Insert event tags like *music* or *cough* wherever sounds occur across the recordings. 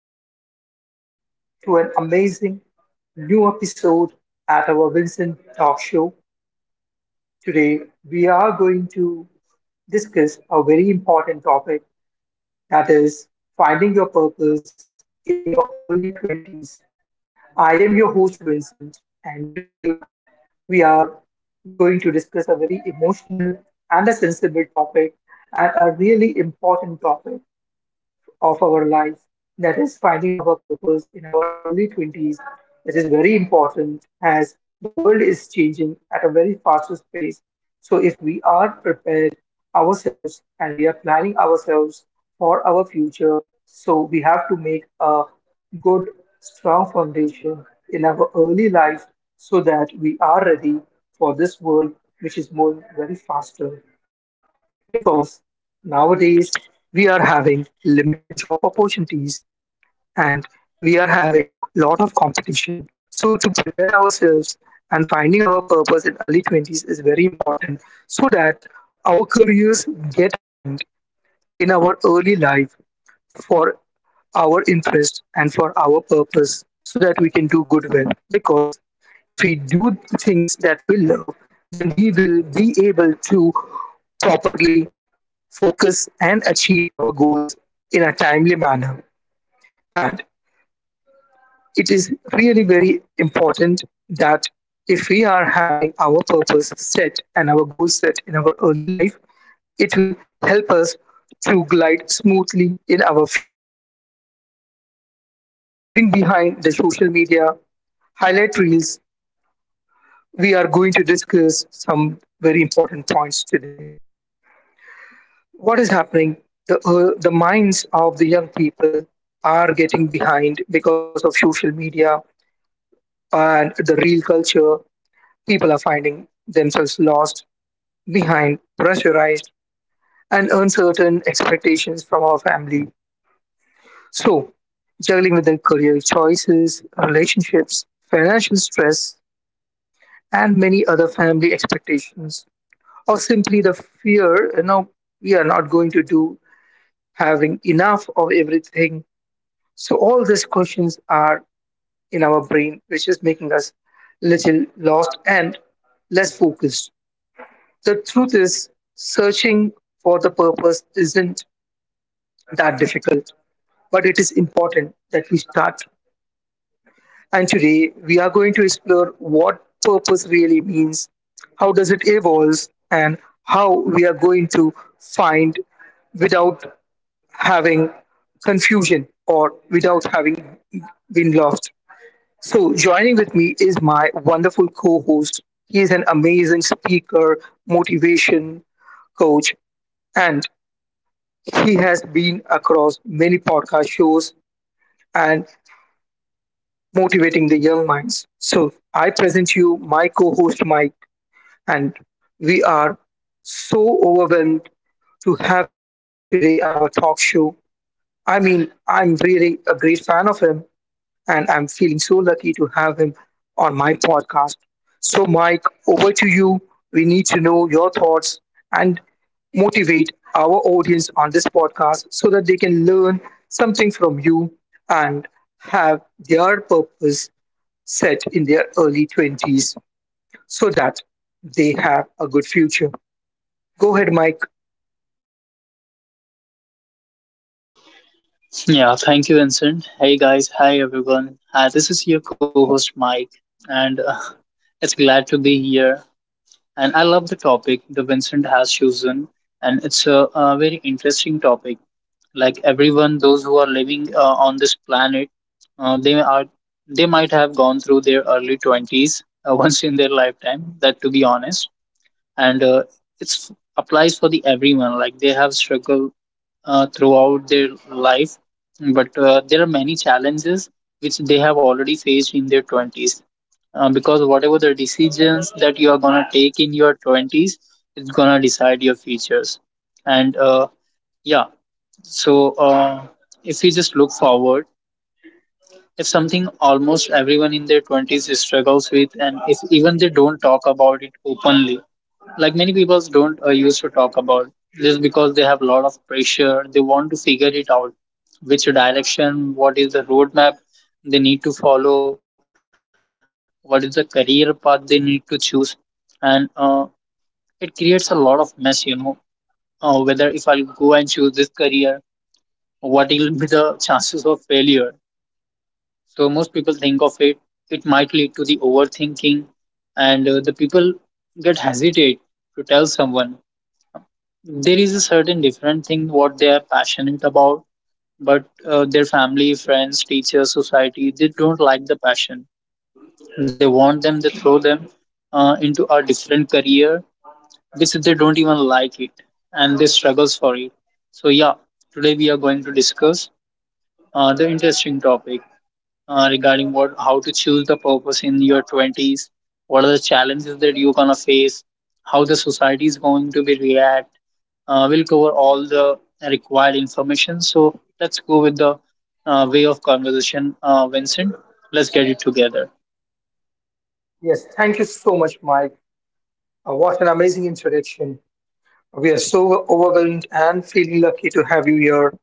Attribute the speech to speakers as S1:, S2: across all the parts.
S1: Welcome back to an amazing new episode at our Vincent Talk Show. Today, we are going to discuss a very important topic, that is finding your purpose in your early 20s. I am your host, Vincent, and today we are going to discuss a very emotional and a sensible topic, and a really important topic of our lives, that is finding our purpose in our early 20s, which is very important as the world is changing at a very fastest pace. So, if we are prepared ourselves and we are planning ourselves for our future, so we have to make a good, strong foundation in our early life so that we are ready for this world which is moving very faster because nowadays we are having limited job opportunities, and we are having lot of competition, so to prepare ourselves and finding our purpose in early 20s is very important so that our careers get aligned in our early life for our interest and for our purpose, so that we can do good well because if we do things that we love, then we will be able to properly focus and achieve our goals in a timely manner. And it is really very important that if we are having our purpose set and our goals set in our early life, it will help us to glide smoothly in our future. So, living behind the social media highlight reels, we are going to discuss some very important points today. What is happening, the minds of the young people are getting behind because of social media and the real culture. People are finding themselves lost behind pressurized and uncertain expectations from our family, so juggling with their career choices, relationships, financial stress, and many other family expectations, or simply the fear, you know we are not going to do having enough of everything. So all these questions are in our brain, which is making us little lost and less focused. The truth is, searching for the purpose isn't that difficult, but it is important that we start. And today we are going to explore what purpose really means, how does it evolve, and how we are going to find without having confusion or without having been lost. So, joining with me is my wonderful co host. He is an amazing speaker, motivation coach, and he has been across many podcast shows and motivating the young minds. So, I present you my co host, Mike, and we are so overwhelmed to have him today on our talk show. I mean, I'm really a great fan of him, and I'm feeling so lucky to have him on my podcast. So, Mike, over to you. We need to know your thoughts and motivate our audience on this podcast so that they can learn something from you and have their purpose set in their early 20s so that they have a good future. Go ahead, Mike.
S2: Yeah, thank you, Vincent. Hey guys, hi everyone. This is your co-host Mike, and *laughs* it's glad to be here. And I love the topic the Vincent has chosen, and it's a very interesting topic. Like everyone, those who are living on this planet, uh, they are they might have gone through their early twenties *laughs* once in their lifetime. That to be honest, and it's applies for the everyone. Like they have struggled throughout their life, but there are many challenges which they have already faced in their 20s. Because whatever the decisions that you are going to take in your 20s, it's going to decide your futures. And yeah, so If we just look forward, if something almost everyone in their 20s struggles with, and if even they don't talk about it openly, like many people don't used to talk about, just because they have a lot of pressure. They want to figure it out, which direction, what is the roadmap they need to follow, what is the career path they need to choose. And it creates a lot of mess, you know, whether if I'll go and choose this career, what will be the *laughs* chances of failure. So most people think of it, it might lead to the overthinking, and the people get hesitate to tell someone there is a certain different thing what they are passionate about, but their family, friends, teachers, society, they don't like the passion. They want them, they throw them into a different career which they don't even like it, and they struggles for it. So yeah, today we are going to discuss the interesting topic regarding what, how to choose the purpose in your 20s, what are the challenges that you're gonna face, how the society is going to be react. We'll cover all the required information. So let's go with the way of conversation, Vincent. Let's get it together.
S1: Yes, thank you so much, Mike. What an amazing introduction. We are so overwhelmed and feeling lucky to have you here,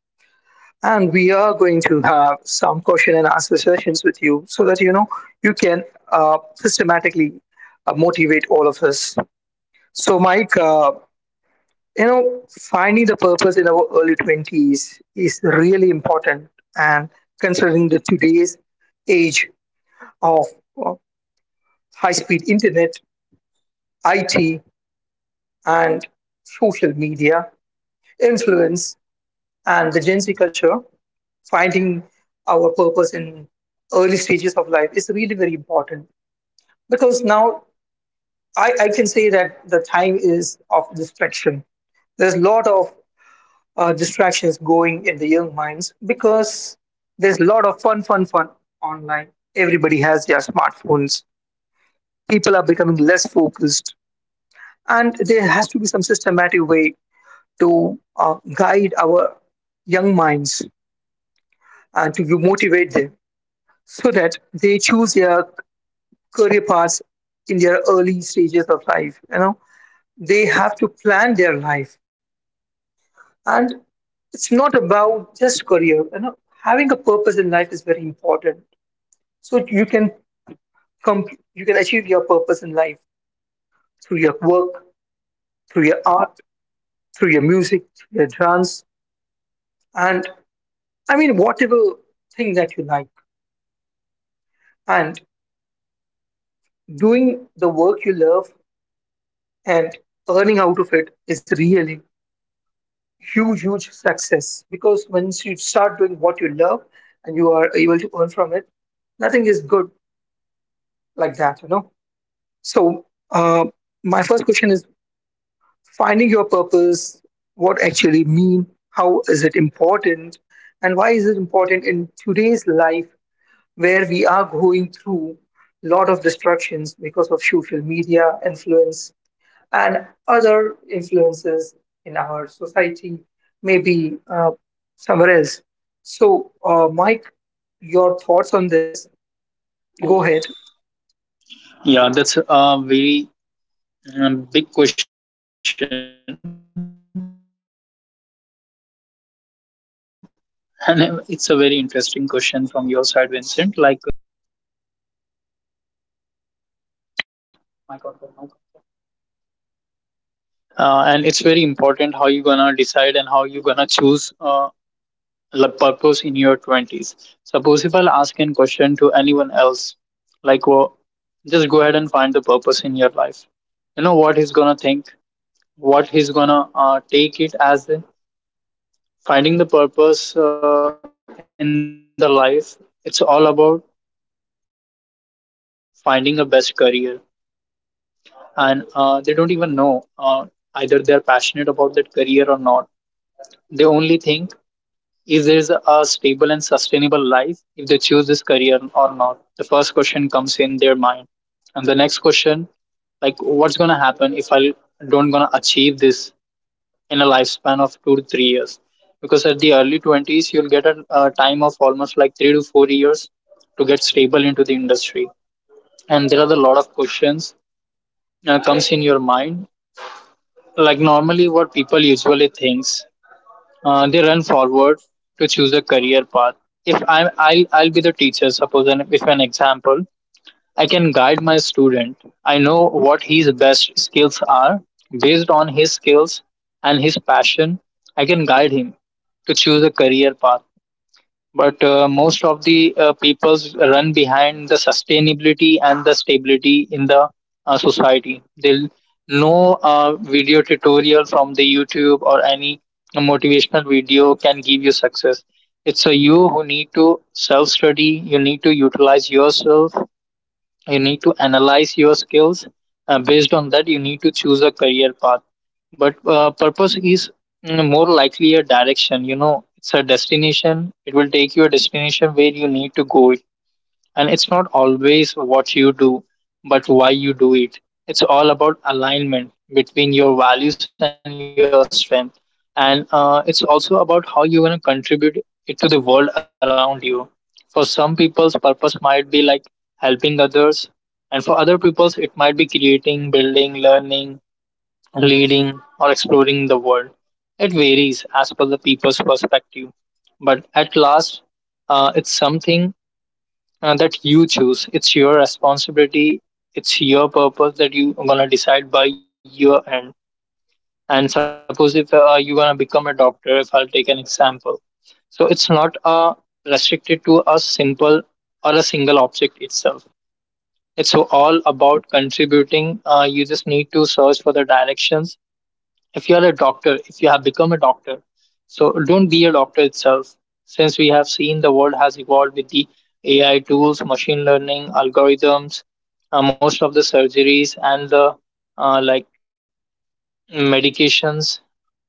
S1: and we are going to have some question and answer sessions with you so that, you know, you can systematically motivate all of us. So Mike, you know, finding the purpose in our early 20s is really important, and considering the today's age of uh, high speed internet it and social media influence and the Gen Z culture, finding our purpose in early stages of life is really very important because now I can say that the time is of distraction. There's a lot of distractions going in the young minds because there's a lot of fun online. Everybody has their smartphones. People are becoming less focused. And there has to be some systematic way to guide our young minds and to motivate them so that they choose their career paths in their early stages of life. You know, they have to plan their life, and it's not about just career. You know, having a purpose in life is very important. So you can come, you can achieve your purpose in life through your work, through your art, through your music, through your dance, and I mean whatever thing that you like. And doing the work you love and earning out of it is really huge success because once you start doing what you love and you are able to earn from it, nothing is good like that, you know. So uh, my first question is, finding your purpose, what actually mean, how is it important, and why is it important in today's life where we are going through lot of distractions because of social media influence and other influences in our society, may be somewhere else. So, Mike, your thoughts on this? Go ahead.
S2: Yeah, that's a very big question, *laughs* and it's a very interesting question from your side, Vincent. How exactly we can find a purpose? Uh, and it's very important how you gonna decide and how you gonna choose the purpose in your twenties. Suppose if I'll ask a question to anyone else, well, just go ahead and find the purpose in your life. You know what he's gonna think, what he's gonna take it as a- finding the purpose in the life. It's all about finding a best career, and they don't even know either they're passionate about that career or not. They only think is there's a stable and sustainable life if they choose this career or not. The first question comes in their mind. And the next question, like what's gonna happen if I don't gonna achieve this in a lifespan of 2 to 3 years, because at the early 20s you'll get a time of almost to get stable into the industry. And there are a lot of questions comes in your mind, like normally what people usually thinks, they run forward to choose a career path. If I'm I'll be the teacher suppose, and if an example, I can guide my student. I know what his best skills are. Based on his skills and his passion, I can guide him to choose a career path. But most of the peoples run behind the sustainability and the stability in the society. They'll no video tutorial from the YouTube or any motivational video can give you success. It's a you who need to self study. You need to utilize yourself, you need to analyze your skills, based on that you need to choose a career path. But purpose is more likely a direction, you know, it's a destination, it will take you a destination where you need to go. And it's not always what you do, but why you do it. It's all about alignment between your values and your strength. And it's also about how you're going to contribute it to the world around you. For some people's purpose might be like helping others, and for other people's, it might be creating, building, learning, leading, or exploring the world. It varies as per the people's perspective, but at last, it's something that you choose. It's your responsibility. It's your purpose that you gonna decide by your end. And suppose if you gonna become a doctor, if I'll take an example, so it's not restricted to simple or a single object itself. It's all about contributing. You just need to search for the directions. If you are doctor, if you have become a doctor, so don't be a doctor itself. Since we have seen the world has evolved the AI tools, machine learning, algorithms, most of the surgeries and the like medications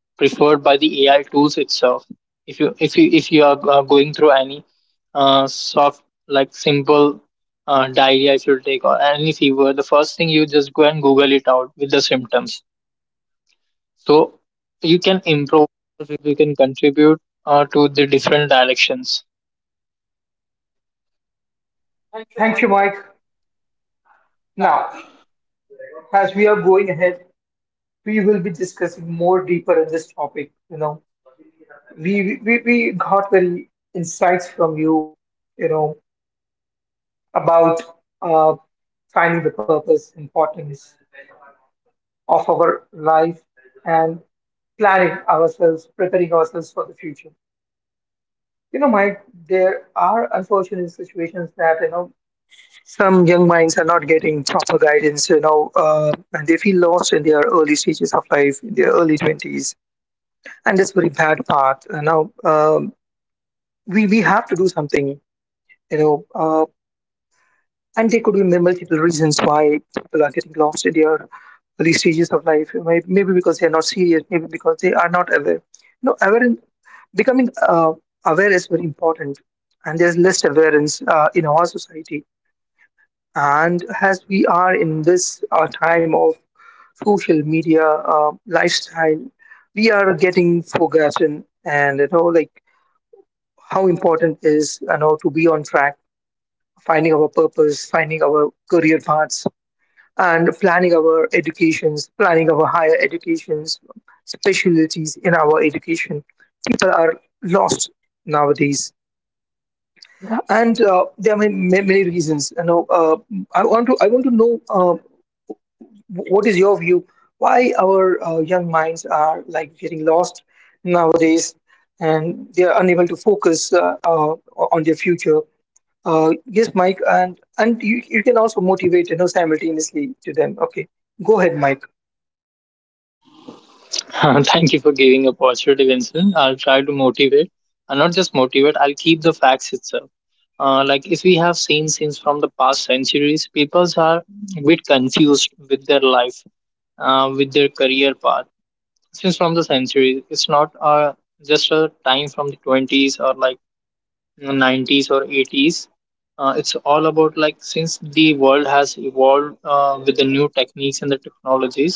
S2: preferred by the AI tools itself. If you are going through any soft, like simple diarrhea, if you take, or any fever, the first thing you just go and Google it out with the symptoms. So
S1: Thank you, Mike. Now, as we are going ahead, we will be discussing more deeper in this topic. You know, we got very insights from you. You know about uh, finding the purpose, importance of our life, and planning ourselves, preparing ourselves for the future. You know, Mike, there are unfortunate situations that, you know, some young minds are not getting proper guidance, you know, and they feel lost in their early stages of life, in their early 20s. And that's very bad part. You know, we have to do something, you know. And there could be multiple reasons why people are getting lost in their early stages of life. Maybe because they are not serious, maybe because they are not aware. You know, aware becoming aware is very important, and there's less awareness in our society. And as we are in this time of social media lifestyle, we are getting forgotten. And you know, like how important is, you know, to be on track, finding our purpose, finding our career paths, and planning our educations, planning our higher educations, specialties in our education. People are lost nowadays, and there are many reasons. You know, I want to know what is your view why our young minds are like getting lost nowadays, and they are unable to focus on their future. Yes, Mike, and you can also motivate, you know, simultaneously to them. Okay, go ahead, Mike.
S2: *laughs* thank you for giving a opportunity, Vincent. I'll try to motivate, and not just motivate. I'll keep the facts itself. Like if we have seen since from the past centuries, peoples are a bit confused with their life, with their career path. Since from the centuries, it's not just a time from the twenties or like 90s or 80s. It's all about, like, since the world has evolved with the new techniques and the technologies,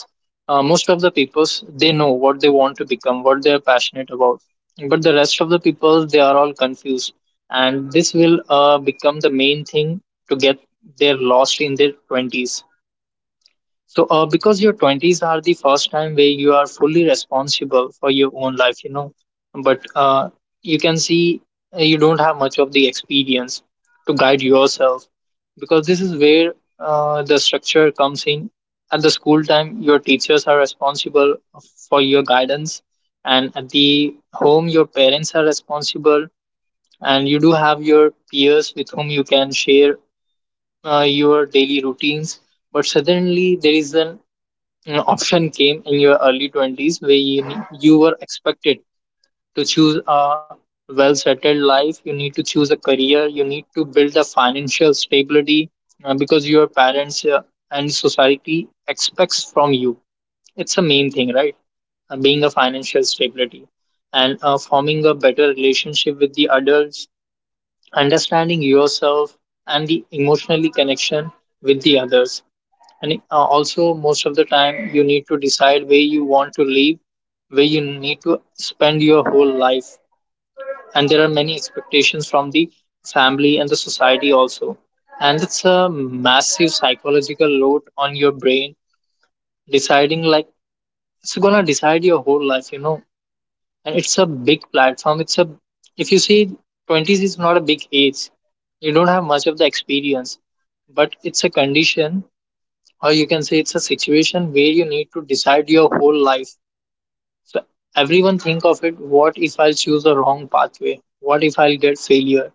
S2: most of the peoples they know what they want to become, what they are passionate about, but the rest of the people they are all confused. And this will become the main thing to get their lost in their 20s. So, because your 20s are the first time where you are fully responsible for your own life, you know, but you can see you don't have much of the experience to guide yourself, because this is where the structure comes in. At the school time, your teachers are responsible for your guidance, and at the home, your parents are responsible, and you do have your peers with whom you can share your daily routines. But suddenly there is an option came in your early 20s where you, ne- you were expected to choose a well settled life, you need to choose a career, you need to build a financial stability, because your parents and society expects from you. It's a main thing, right? Being a financial stability, and forming a better relationship with the adults, understanding yourself and the emotionally connection with the others. And also most of the time you need to decide where you want to live, where you need to spend your whole life. And there are many expectations from the family and the society also, and it's a massive psychological load on your brain, deciding like it's gonna decide your whole life, you know. And it's a big platform, it's a, if you see, 20s is not a big age, you don't have much of the experience, but it's a condition, or you can say it's a situation where you need to decide your whole life. So everyone think of it, what if I'll choose the wrong pathway, what if I'll get failure,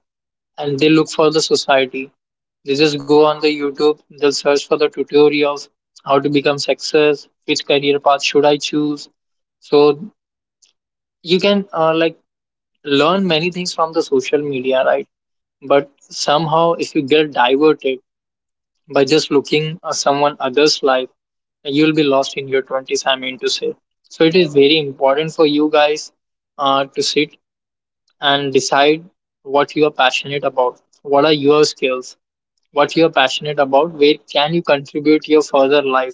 S2: and they look for the society, they just go on the YouTube, they'll search for the tutorials how to become success, which career path should I choose. So you can like learn many things from the social media, right? But somehow if you get diverted by just looking at someone else's life, you'll be lost in your 20s, I mean to say. So it is very important for you guys to sit and decide what you are passionate about. What are your skills? What you are passionate about? Where can you contribute your further life?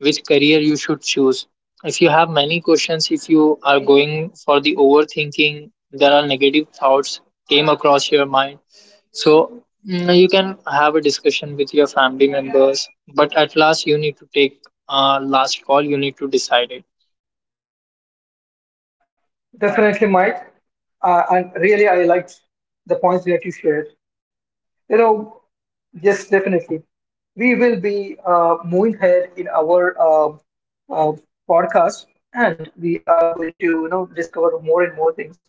S2: Which career you should choose? If you have many questions, if you are going for the overthinking, there are negative thoughts came across your mind. So you can have a discussion with your family members, but at last you need to take a last call. You need to decide it.
S1: Definitely, Mike. And really, I liked the points that you shared. You know, yes, definitely. We will be moving ahead in our uh, podcast, and we are going to, you know, discover more and more things.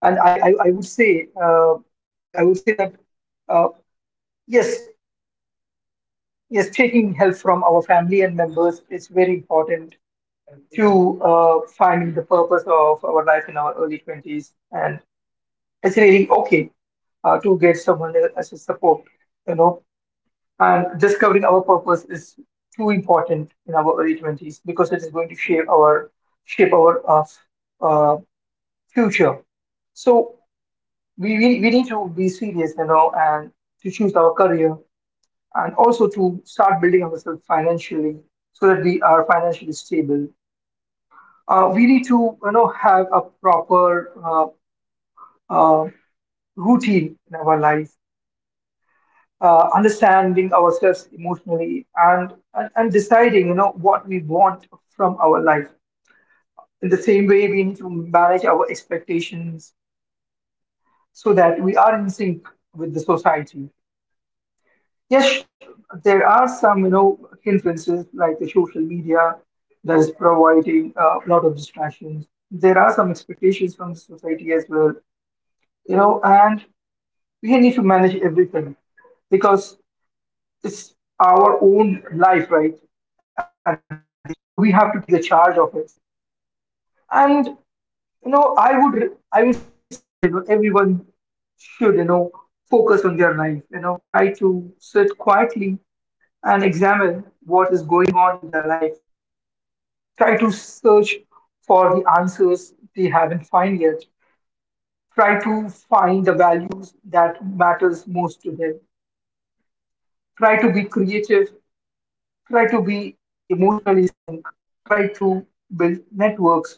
S1: And I would say, I would say that uh, yes, yes, taking help from our family and members is very important to finding the purpose of our life in our early 20s. And it's really okay to get someone as a support, you know. And discovering our purpose is too important in our early 20s because it is going to shape our shape our uh, f- uh, future. So we need to be serious, you know, and to choose our career and also to start building ourselves financially so that we are financially stable. We need to, you know, have a proper uh, routine in our life, understanding ourselves emotionally, and deciding, you know, what we want from our life. In the same way, we need to manage our expectations so that we are in sync with the society. Yes, there are some, you know, hindrances like the social media that is providing a lot of distractions. There are some expectations from the society as well, you know, and we need to manage everything because it's our own life, right, at the end. So we have to take the charge of it, and you know, I would say that, you know, everyone should, you know, focus on their life. You know, try to sit quietly and examine what is going on in their life. Try to search for the answers they haven't found yet. Try to find the values that matters most to them. Try to be creative. Try to be emotionally sync, try to build networks,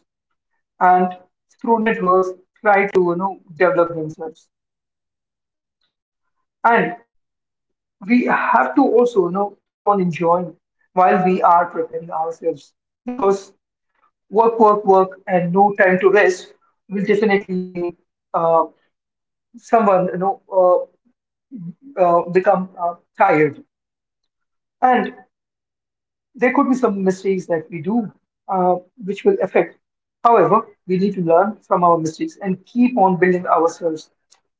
S1: and through networks, try to, you know, develop themselves. And we have to also, you know, keep on enjoying while we are preparing ourselves because work, and no time to rest will definitely make uh, someone, you know, become tired. And there could be some mistakes that we do uh, which will affect. However, we need to learn from our mistakes and keep on building ourselves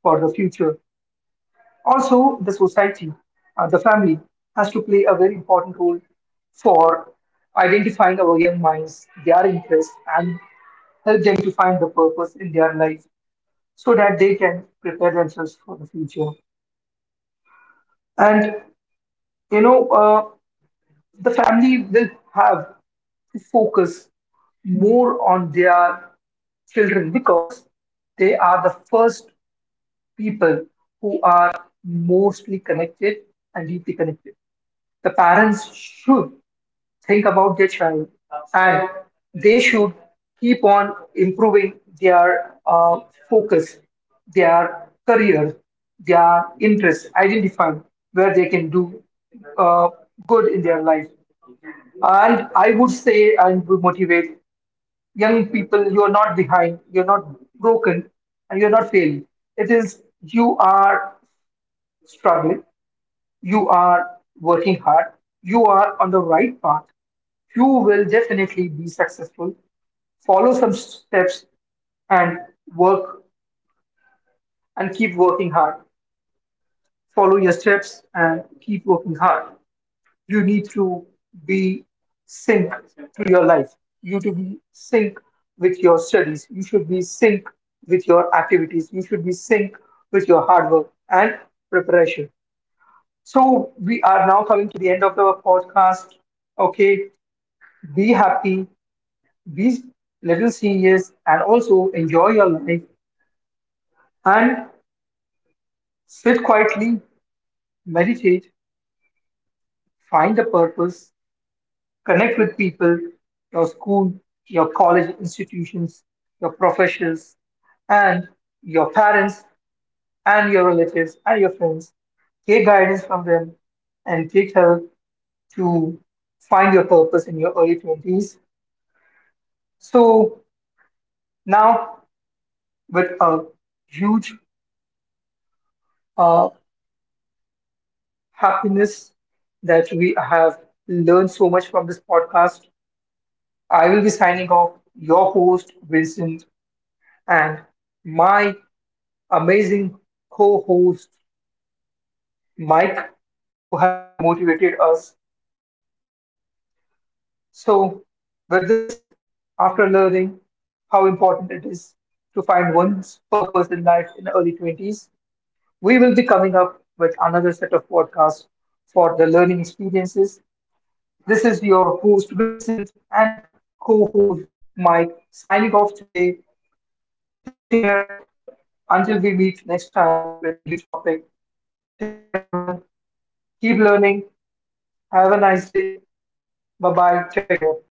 S1: for the future. Also, the society, the family, has to play a very important role for identifying our young minds, their interests, and help them to find the purpose in their life so that they can prepare themselves for the future. And you know, the family will have to focus more on their children because they are the first people who are mostly connected and deeply connected. The parents should think about their child, and they should keep on improving their focus, their career, their interest, identifying where they can do uh, good in their life. And I would say and would motivate young people, you're not behind, you're not broken, and you're not failing. It is you are struggling, you are working hard, you are on the right path. You will definitely be successful. Follow some steps and work and keep working hard. Follow your steps and keep working hard. You need to be sync to your life. You to be sync with your studies. You should be sync with your activities. You should be sync with your hard work and preparation. So we are now coming to the end of the podcast. Okay, be happy, be little serious, and also enjoy your life, and sit quietly, meditate, find a purpose, connect with people, your school, your college institutions, your professors, and your parents and your relatives and your friends. Take guidance from them and take help to find your purpose in your early 20s. So now, with a huge uh, happiness that we have learned so much from this podcast, I will be signing off your host, Vincent, and my amazing co host Mike, who have motivated us. So, with this, after learning how important it is to find one's purpose in life in early 20s, we will be coming up with another set of podcasts for the learning experiences. This is your host Vincent and co host Mike signing off today. Take care until we meet next time with a new topic. Take care, everyone. Keep learning. Have a nice day. Bye bye. Take care.